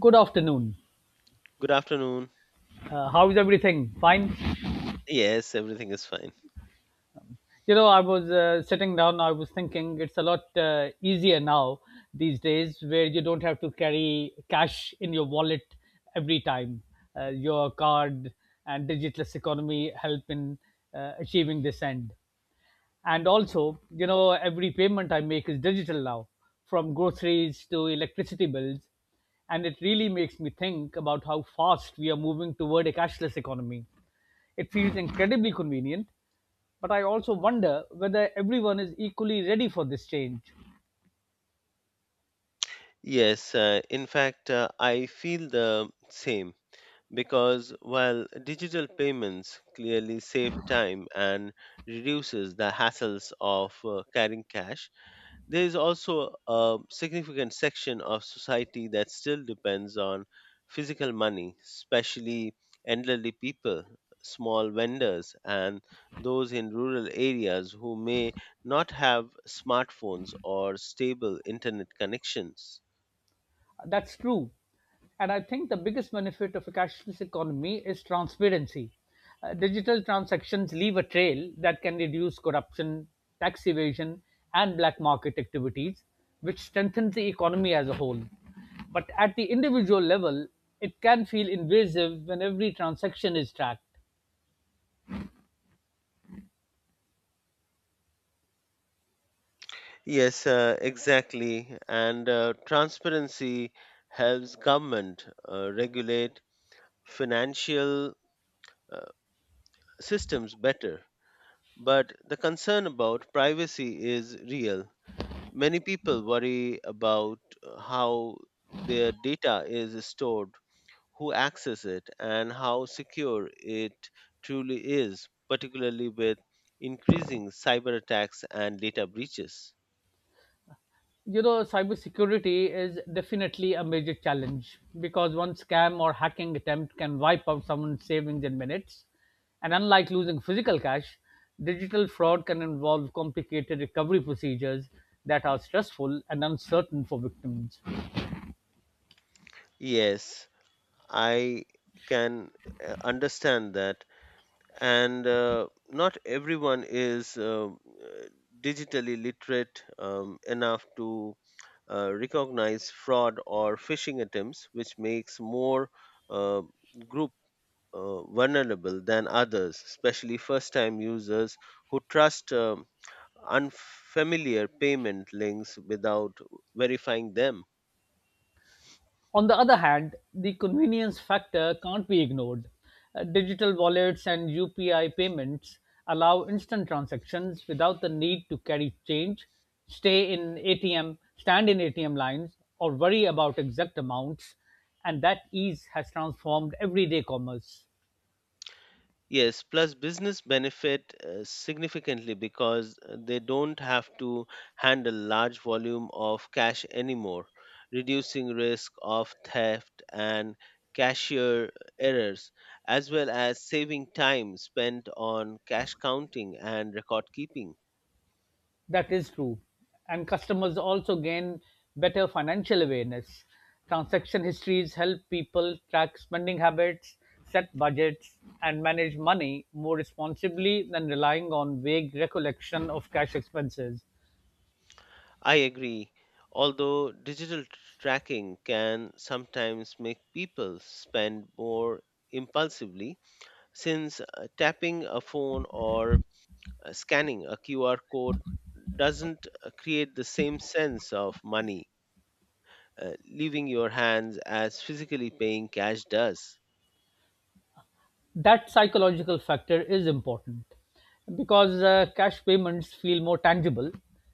Good afternoon. Good afternoon. How is everything? Fine. Yes, everything is fine. You know, I was sitting down. I was thinking it's a lot easier now these days, where you don't have to carry cash in your wallet every time. Your card and digitalist economy help in achieving this end. And also, you know, every payment I make is digital now, from groceries to electricity bills, and it really makes me think about how fast we are moving toward a cashless economy. It feels incredibly convenient, but I also wonder whether everyone is equally ready for this change. Yes, in fact, I feel the same because while digital payments clearly save time and reduces the hassles of carrying cash, there is also a significant section of society that still depends on physical money, especially elderly people, small vendors, and those in rural areas who may not have smartphones or stable internet connections. That's true. And I think the biggest benefit of a cashless economy is transparency. Digital transactions leave a trail that can reduce corruption, tax evasion, and black market activities, which strengthens the economy as a whole. But at the individual level, it can feel invasive when every transaction is tracked. Yes, exactly. And transparency helps government regulate financial, uh, systems better. But the concern about privacy is real. Many people worry about how their data is stored, who accesses it, and how secure it truly is, particularly with increasing cyber attacks and data breaches. You know, cybersecurity is definitely a major challenge because one scam or hacking attempt can wipe out someone's savings in minutes, and unlike losing physical cash, digital fraud can involve complicated recovery procedures that are stressful and uncertain for victims. Yes, I can understand that. And not everyone is digitally literate enough to recognize fraud or phishing attempts, which makes more uh, group vulnerable than others, especially first-time users who trust unfamiliar payment links without verifying them. On the other hand, the convenience factor can't be ignored. Digital wallets and UPI payments allow instant transactions without the need to carry change, stay in ATM, stand in ATM lines, or worry about exact amounts, and that ease has transformed everyday commerce. Yes, plus business benefit significantly because they don't have to handle large volume of cash anymore, reducing risk of theft and cashier errors, as well as saving time spent on cash counting and record keeping. That is true. And customers also gain better financial awareness. Transaction histories help people track spending habits, set budgets, and manage money more responsibly than relying on vague recollection of cash expenses. I agree, although tracking can sometimes make people spend more impulsively since tapping a phone or scanning a QR code doesn't create the same sense of money leaving your hands as physically paying cash does. That psychological factor is important because cash payments feel more tangible,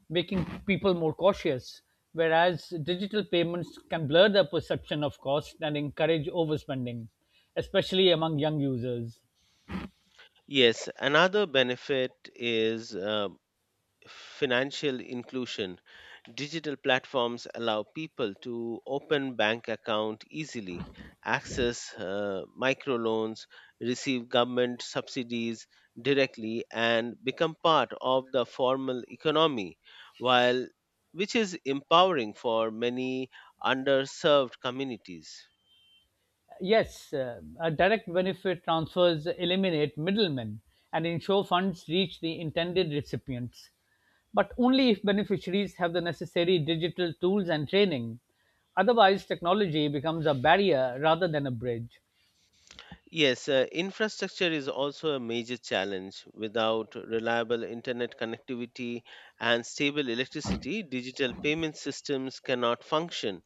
making people more cautious, whereas digital payments can blur the perception of cost and encourage overspending, especially among young users. Yes, another benefit is financial inclusion. Digital platforms allow people to open bank account easily, access microloans, receive government subsidies directly and become part of the formal economy, while which is empowering for many underserved communities. Yes, a direct benefit transfers eliminate middlemen and ensure funds reach the intended recipients, but only if beneficiaries have the necessary digital tools and training. Otherwise, technology becomes a barrier rather than a bridge. Yes, infrastructure is also a major challenge. Without reliable internet connectivity and stable electricity, digital payment systems cannot function,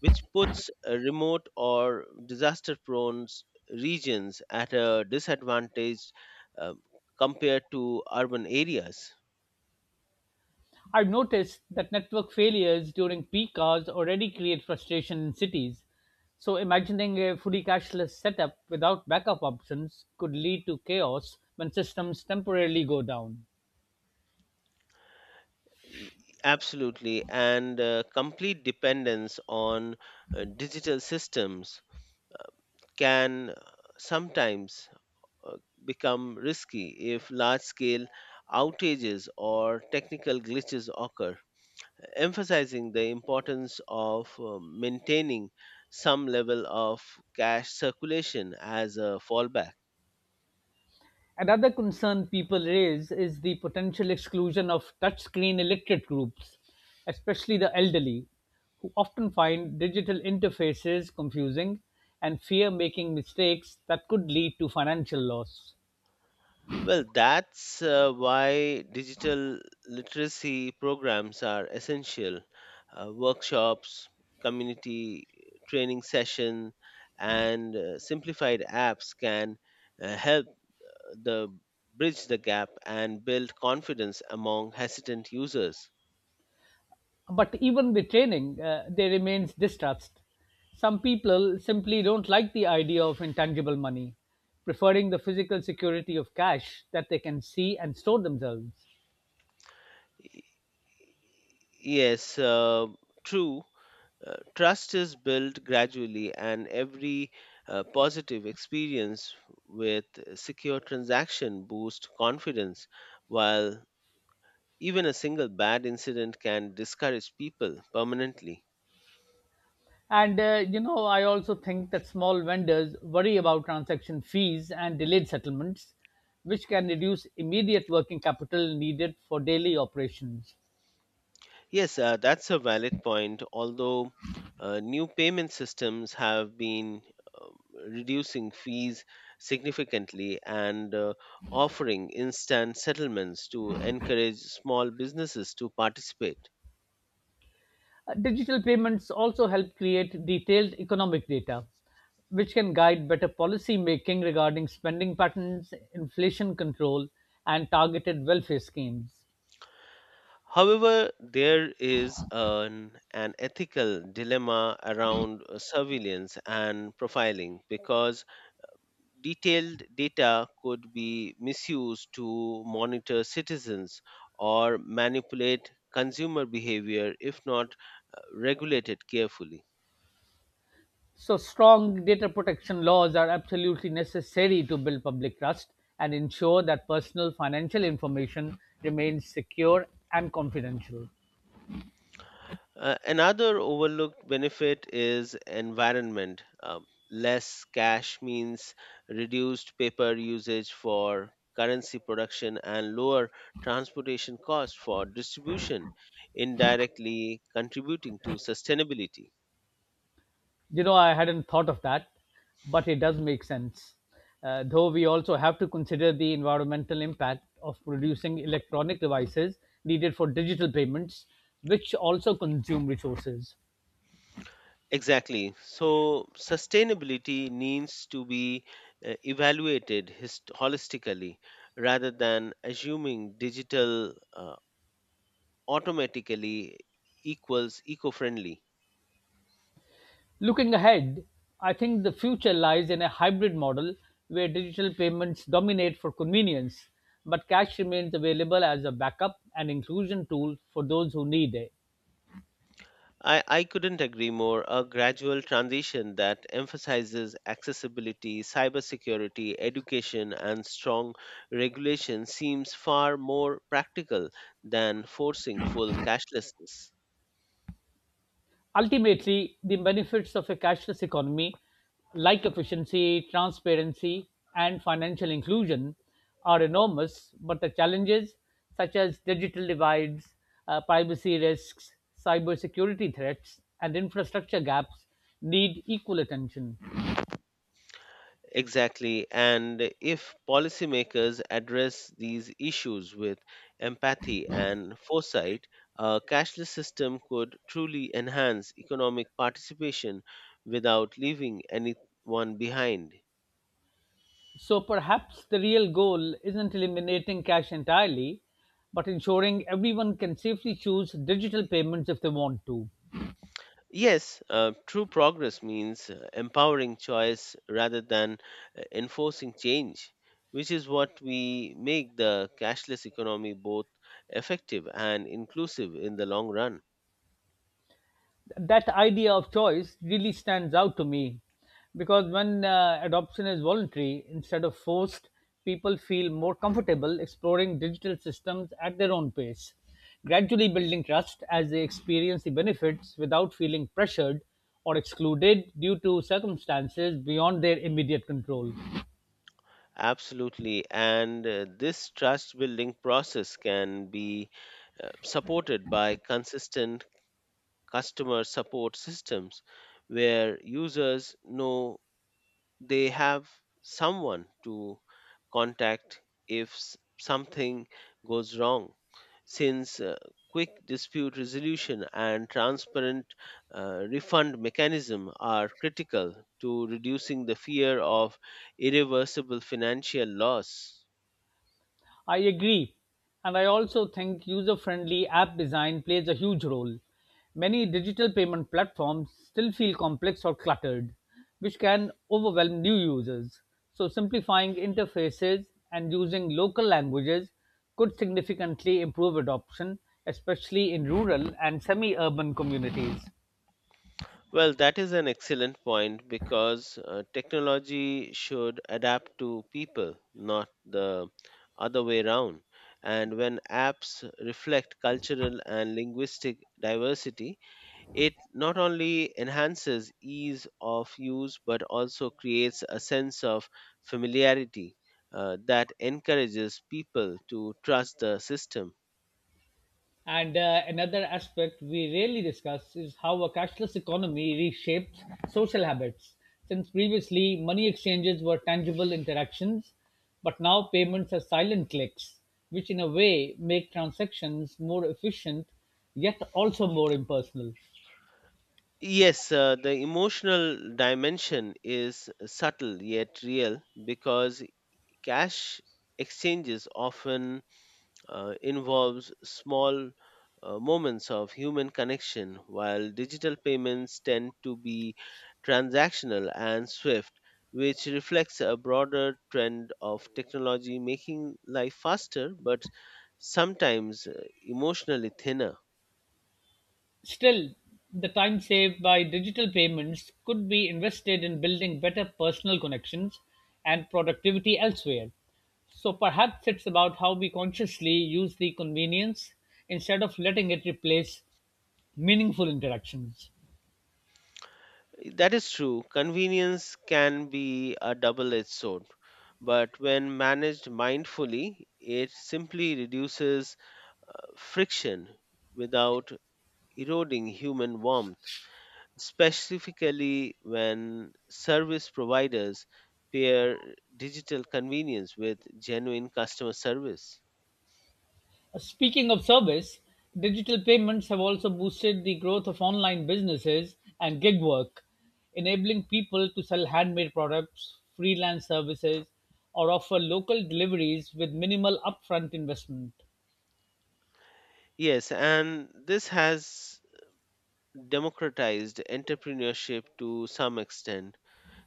which puts remote or disaster prone regions at a disadvantage uh, compared to urban areas. I've noticed that network failures during peak hours already create frustration in cities. So, imagining a fully cashless setup without backup options could lead to chaos when systems temporarily go down. Y- Absolutely, and complete dependence on digital systems uh, can sometimes uh, become risky if large scale outages or technical glitches occur, emphasizing the importance of maintaining some level of cash circulation as a fallback. Another concern people raise is the potential exclusion of touchscreen illiterate groups, especially the elderly, who often find digital interfaces confusing and fear making mistakes that could lead to financial loss. Well, that's why digital literacy programs are essential. Workshops, community training session, and simplified apps can help the bridge the gap and build confidence among hesitant users. But even with training, there remains distrust. Some people simply don't like the idea of intangible money, preferring the physical security of cash that they can see and store themselves. Y- Yes, true. Trust is built gradually, and every positive experience with secure transaction boosts confidence, while even a single bad incident can discourage people permanently. And you know, I also think that small vendors worry about transaction fees and delayed settlements, which can reduce immediate working capital needed for daily operations. Yes, that's a valid point. Although new payment systems have been um, reducing fees significantly and offering instant settlements to encourage small businesses to participate. Digital payments also help create detailed economic data, which can guide better policy making regarding spending patterns, inflation control, and targeted welfare schemes. However, there is an ethical dilemma around surveillance and profiling because detailed data could be misused to monitor citizens or manipulate consumer behavior if not regulated carefully. So, strong data protection laws are absolutely necessary to build public trust and ensure that personal financial information remains secure and confidential. Another overlooked benefit is environment. Less cash means reduced paper usage for currency production and lower transportation costs for distribution, indirectly contributing to sustainability. You know, I hadn't thought of that, but it does make sense. Though we also have to consider the environmental impact of producing electronic devices needed for digital payments, which also consume resources. Exactly. So, sustainability needs to be evaluated holistically rather than assuming digital automatically equals eco friendly. Looking ahead, I think the future lies in a hybrid model where digital payments dominate for convenience, but cash remains available as a backup and inclusion tool for those who need it. I couldn't agree more. A gradual transition that emphasizes accessibility, cybersecurity, education, and strong regulation seems far more practical than forcing full cashlessness. Ultimately, the benefits of a cashless economy, like efficiency, transparency, and financial inclusion, are enormous, but the challenges, such as digital divides, privacy risks, cybersecurity threats, and infrastructure gaps, need equal attention. Exactly. And if policymakers address these issues with empathy and foresight, a cashless system could truly enhance economic participation without leaving anyone behind. So perhaps the real goal isn't eliminating cash entirely, but ensuring everyone can safely choose digital payments if they want to. Yes, true progress means empowering choice rather than enforcing change, which is what we make the cashless economy both effective and inclusive in the long run. That idea of choice really stands out to me because when adoption is voluntary instead of forced, people feel more comfortable exploring digital systems at their own pace, gradually building trust as they experience the benefits without feeling pressured or excluded due to circumstances beyond their immediate control. Absolutely, and this trust building process can be supported by consistent customer support systems where users know they have someone to contact if something goes wrong. Since quick dispute resolution and transparent refund mechanism are critical to reducing the fear of irreversible financial loss. I agree. And I also think user friendly app design plays a huge role. Many digital payment platforms still feel complex or cluttered, which can overwhelm new users. So, simplifying interfaces and using local languages could significantly improve adoption, especially in rural and semi urban communities. Well, that is an excellent point because technology should adapt to people, not the other way around. And when apps reflect cultural and linguistic diversity, it not only enhances ease of use but also creates a sense of familiarity that encourages people to trust the system. And another aspect we rarely discuss is how a cashless economy reshapes social habits. Since previously, money exchanges were tangible interactions, but now payments are silent clicks, which in a way make transactions more efficient yet also more impersonal. Yes, the emotional dimension is subtle yet real because cash exchanges often involves small moments of human connection while digital payments tend to be transactional and swift, which reflects a broader trend of technology making life faster but sometimes emotionally thinner. Still, the time saved by digital payments could be invested in building better personal connections and productivity elsewhere. So perhaps it's about how we consciously use the convenience instead of letting it replace meaningful interactions. That is true. Convenience can be a double edged sword, but when managed mindfully, it simply reduces friction without eroding human warmth, specifically when service providers pair digital convenience with genuine customer service. Speaking of service, digital payments have also boosted the growth of online businesses and gig work, enabling people to sell handmade products, freelance services, or offer local deliveries with minimal upfront investment. Yes, and this has democratized entrepreneurship to some extent,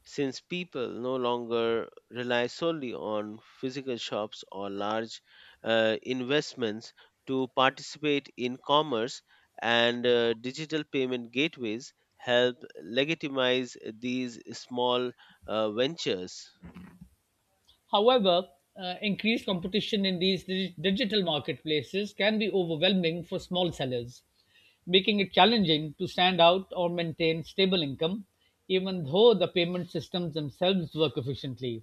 since people no longer rely solely on physical shops or large investments to participate in commerce, and digital payment gateways help legitimize these small ventures. However, increased competition in these digital marketplaces can be overwhelming for small sellers, making it challenging to stand out or maintain stable income, even though the payment systems themselves work efficiently.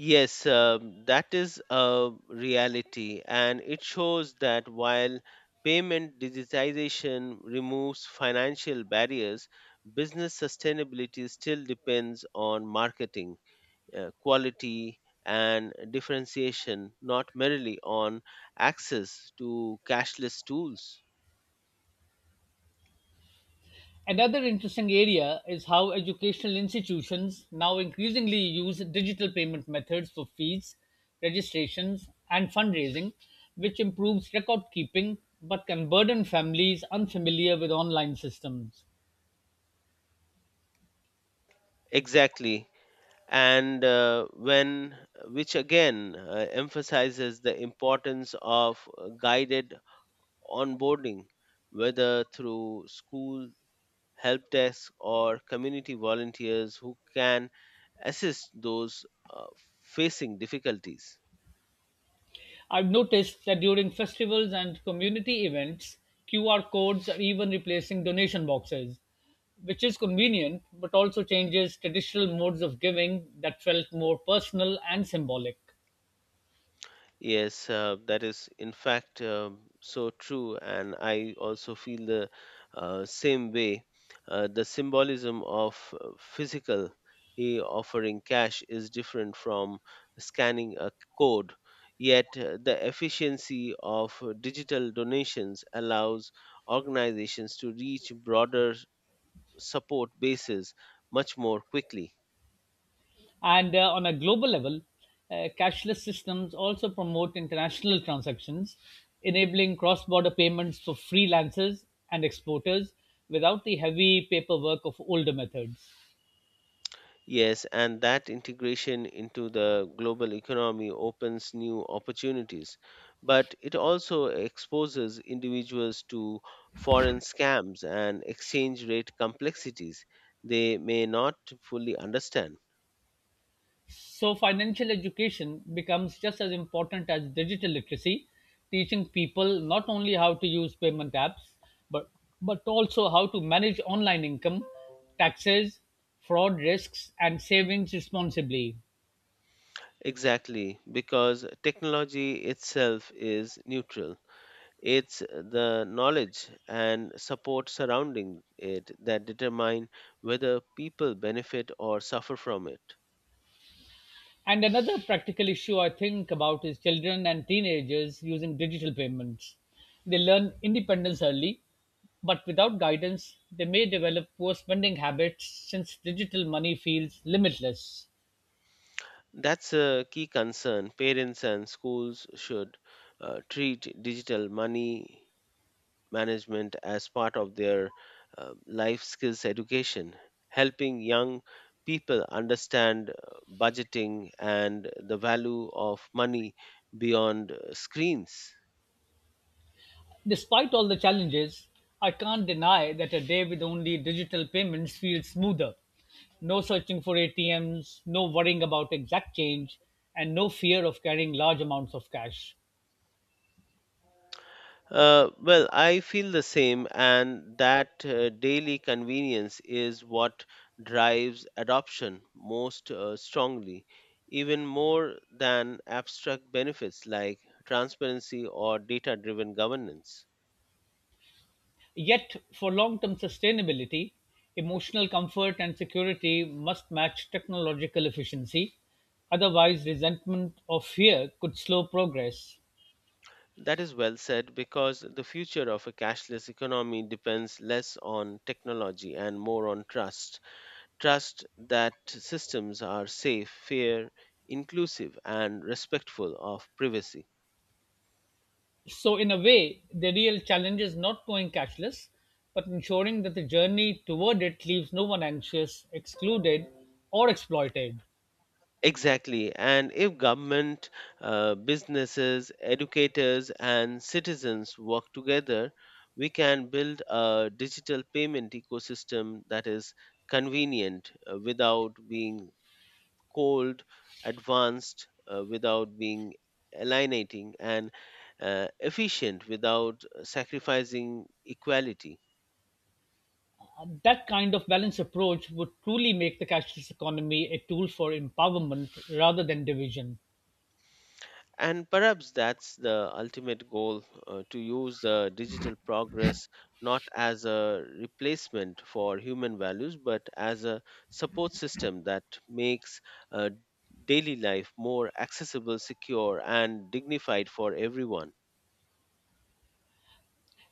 Yes, that is a reality, and it shows that while payment digitization removes financial barriers, business sustainability still depends on marketing, quality, and differentiation, not merely on access to cashless tools. Another interesting area is how educational institutions now increasingly use digital payment methods for fees, registrations, and fundraising, which improves record keeping but can burden families unfamiliar with online systems. Exactly. And uh, when, which again emphasizes the importance of guided onboarding, whether through school help desk or community volunteers who can assist those uh, facing difficulties. I've noticed that during festivals and community events, QR codes are even replacing donation boxes, which is convenient but also changes traditional modes of giving that felt more personal and symbolic. Yes, that is in fact so true, and I also feel the same way. The symbolism of physical offering cash is different from scanning a code, yet the efficiency of digital donations allows organizations to reach broader support bases much more quickly. And on a global level, cashless systems also promote international transactions, enabling cross border payments for freelancers and exporters without the heavy paperwork of older methods. Yes, and that integration into the global economy opens new opportunities, but it also exposes individuals to foreign scams and exchange rate complexities they may not fully understand. So, financial education becomes just as important as digital literacy, teaching people not only how to use payment apps, but, but also how to manage online income, taxes, fraud risks, and savings responsibly. Exactly, because technology itself is neutral. It's the knowledge and support surrounding it that determine whether people benefit or suffer from it. And another practical issue I think about is children and teenagers using digital payments. They learn independence early, but without guidance, they may develop poor spending habits since digital money feels limitless. That's a key concern. Parents and schools should treat digital money management as part of their life skills education, helping young people understand budgeting and the value of money beyond screens. Despite all the challenges, I can't deny that a day with only digital payments feels smoother. No searching for ATMs, no worrying about exact change, and no fear of carrying large amounts of cash. Well, I feel the same, and that daily convenience is what drives adoption most strongly, even more than abstract benefits like transparency or data driven governance. Yet, for long-term sustainability, emotional comfort and security must match technological efficiency. Otherwise, resentment or fear could slow progress. That is well said because the future of a cashless economy depends less on technology and more on trust. Trust that systems are safe, fair, inclusive, and respectful of privacy. So, in a way, the real challenge is not going cashless, but ensuring that the journey toward it leaves no one anxious, excluded, or exploited. Exactly. And if government, businesses, educators, and citizens work together, we can build a digital payment ecosystem that is convenient without being cold, advanced without being alienating, and efficient without sacrificing equality. That kind of balanced approach would truly make the cashless economy a tool for empowerment rather than division. And perhaps that's the ultimate goal, to use digital progress not as a replacement for human values, but as a support system that makes uh, daily life more accessible, secure, and dignified for everyone.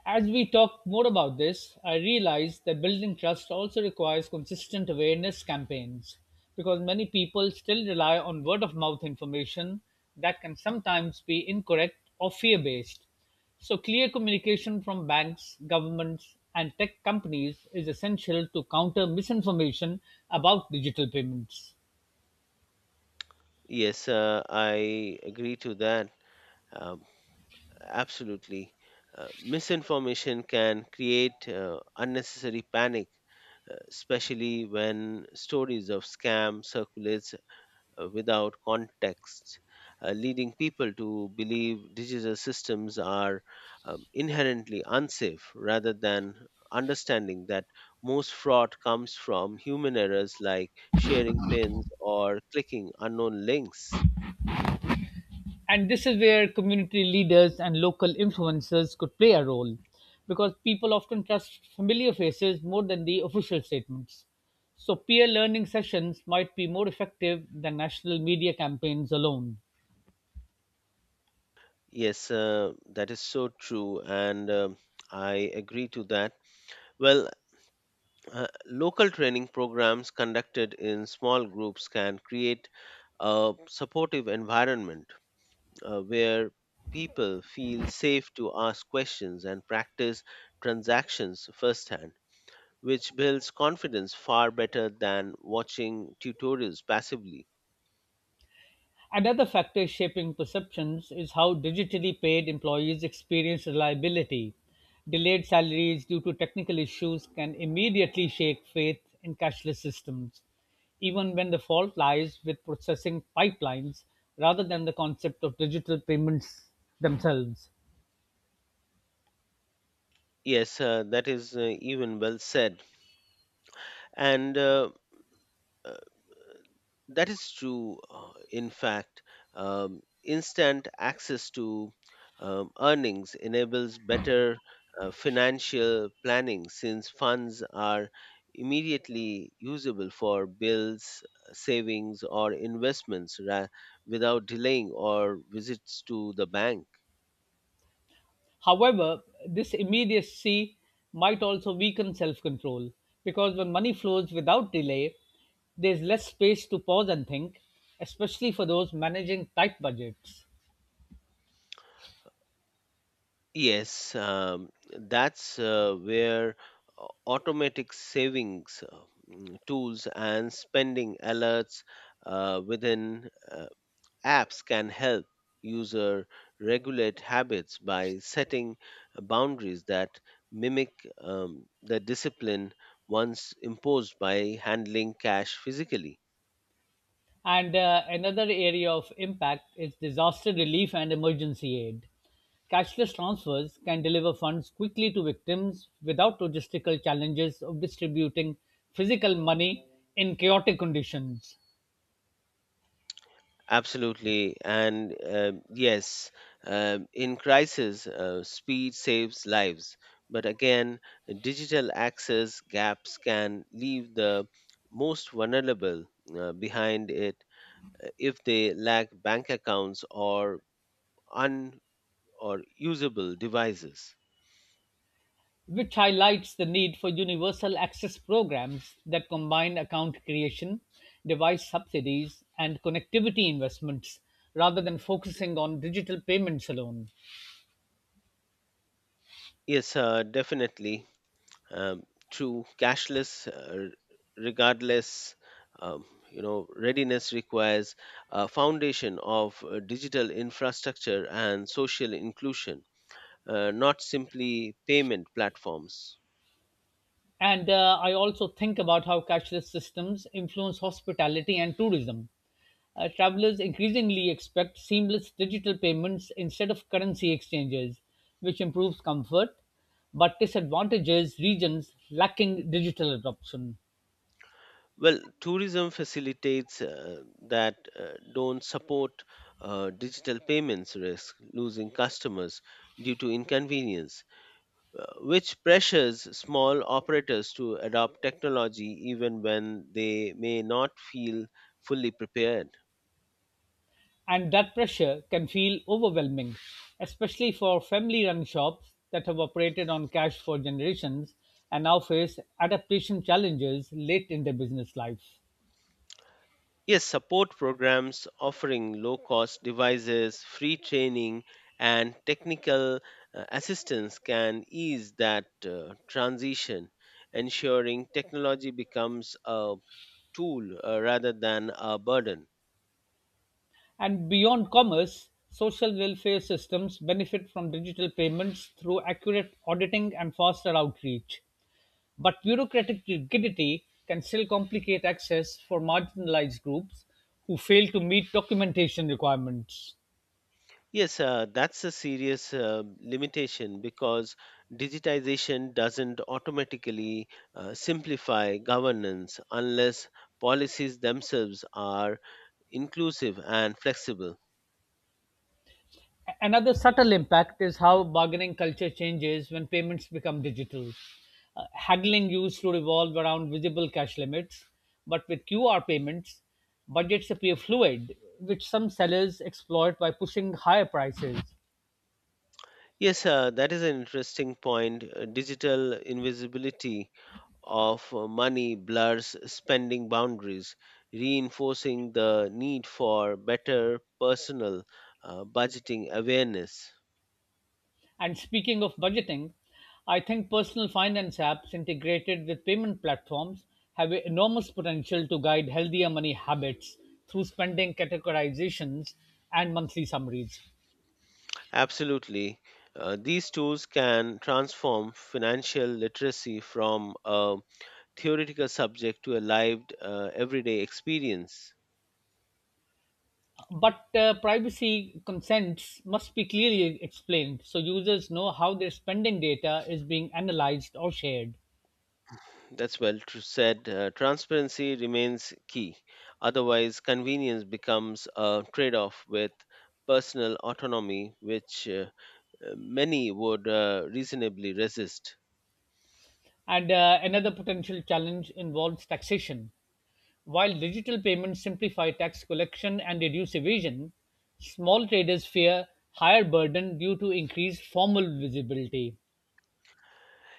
As we talk more about this, I realize that building trust also requires consistent awareness campaigns because many people still rely on word of mouth information that can sometimes be incorrect or fear based. So, clear communication from banks, governments, and tech companies is essential to counter misinformation about digital payments. Yes, I agree to that. Um, absolutely. Misinformation can create unnecessary panic especially when stories of scam circulates without context, leading people to believe digital systems are inherently unsafe rather than understanding that most fraud comes from human errors like sharing pins or clicking unknown links. And this is where community leaders and local influencers could play a role because people often trust familiar faces more than the official statements. So, peer learning sessions might be more effective than national media campaigns alone. Yes, that is so true, and I agree to that. Well, local training programs conducted in small groups can create a supportive environment where people feel safe to ask questions and practice transactions firsthand, which builds confidence far better than watching tutorials passively. Another factor shaping perceptions is how digitally paid employees experience reliability. Delayed salaries due to technical issues can immediately shake faith in cashless systems, even when the fault lies with processing pipelines rather than the concept of digital payments themselves. Yes, that is even well said. And uh, That is true. In fact, instant access to earnings enables better financial planning since funds are immediately usable for bills, savings, or investments without delaying or visits to the bank. However, this immediacy might also weaken self control because when money flows without delay, there's less space to pause and think, especially for those managing tight budgets. Yes, that's where automatic savings tools and spending alerts within apps can help user regulate habits by setting boundaries that mimic the discipline once imposed by handling cash physically. And another area of impact is disaster relief and emergency aid. Cashless transfers can deliver funds quickly to victims without logistical challenges of distributing physical money in chaotic conditions, Absolutely. And yes, in crisis, speed saves lives. But again, digital access gaps can leave the most vulnerable behind it if they lack bank accounts un or usable devices. which highlights the need for universal access programs that combine account creation, device subsidies, and connectivity investments rather than focusing on digital payments alone. Yes, definitely. um, True cashless regardless um, readiness requires a foundation of digital infrastructure and social inclusion, not simply payment platforms. And I also think about how cashless systems influence hospitality and tourism. Travelers increasingly expect seamless digital payments instead of currency exchanges, which improves comfort but disadvantages regions lacking digital adoption. Well, tourism facilitates that don't support digital payments risk losing customers due to inconvenience, which pressures small operators to adopt technology even when they may not feel fully prepared. And that pressure can feel overwhelming, especially for family run shops that have operated on cash for generations and now face adaptation challenges late in their business life. Yes, support programs offering low cost devices, free training, and technical assistance can ease that transition, ensuring technology becomes a tool rather than a burden. And beyond commerce, social welfare systems benefit from digital payments through accurate auditing and faster outreach. But bureaucratic rigidity can still complicate access for marginalized groups who fail to meet documentation requirements. Yes, that's a serious limitation because digitization doesn't automatically simplify governance unless policies themselves are inclusive and flexible. Another subtle impact is how bargaining culture changes when payments become digital. Haggling used to revolve around visible cash limits, but with QR payments, budgets appear fluid, which some sellers exploit by pushing higher prices. Yes, that is an interesting point. Digital invisibility of money blurs spending boundaries, reinforcing the need for better personal budgeting awareness. And speaking of budgeting, I think personal finance apps integrated with payment platforms have a enormous potential to guide healthier money habits through spending categorizations and monthly summaries. Absolutely. These tools can transform financial literacy from a theoretical subject to a live, everyday experience. But privacy consents must be clearly explained so users know how their spending data is being analyzed or shared. That's well said. Transparency remains key. Otherwise, convenience becomes a trade off with personal autonomy, which many would reasonably resist. And another potential challenge involves taxation. While digital payments simplify tax collection and reduce evasion, small traders fear higher burden due to increased formal visibility.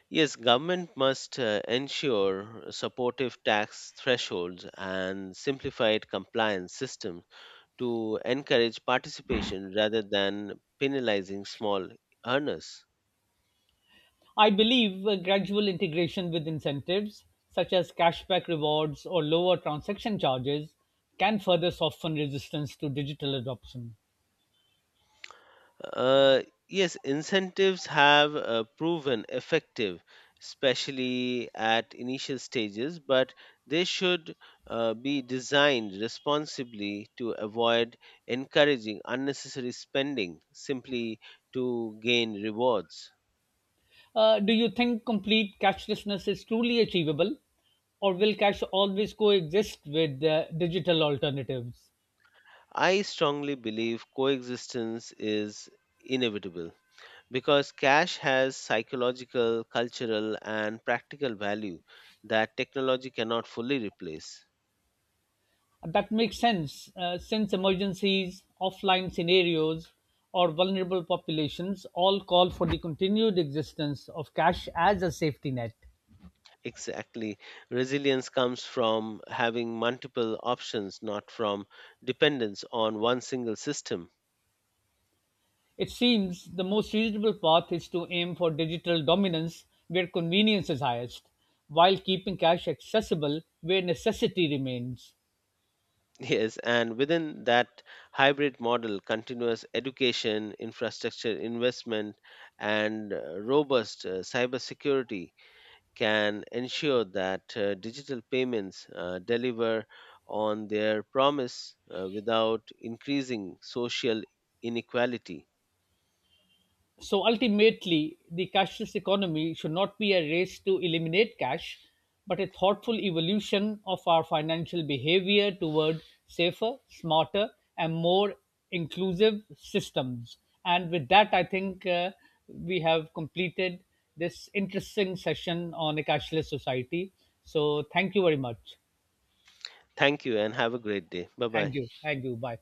Yes, government must ensure supportive tax thresholds and simplified compliance systems to encourage participation rather than penalizing small earners. I believe a gradual integration with incentives, such as cashback rewards or lower transaction charges, can further soften resistance to digital adoption. Uh, yes, incentives have proven effective, especially at initial stages, but they should be designed responsibly to avoid encouraging unnecessary spending simply to gain rewards. Do you think complete cashlessness is truly achievable, or will cash always coexist with digital alternatives? I strongly believe coexistence is inevitable, because cash has psychological, cultural, and practical value that technology cannot fully replace. That makes sense since emergencies, offline scenarios, or vulnerable populations all call for the continued existence of cash as a safety net. Exactly. Resilience comes from having multiple options, not from dependence on one single system. It seems the most reasonable path is to aim for digital dominance where convenience is highest, while keeping cash accessible where necessity remains. Yes, and within that hybrid model, continuous education, infrastructure investment, and robust cybersecurity can ensure that digital payments deliver on their promise without increasing social inequality. So ultimately, the cashless economy should not be a race to eliminate cash, but a thoughtful evolution of our financial behavior toward safer, smarter, and more inclusive systems. And with that, I think we have completed this interesting session on a cashless society. So thank you very much. Thank you and have a great day. Bye bye. Thank you. Thank you. Bye.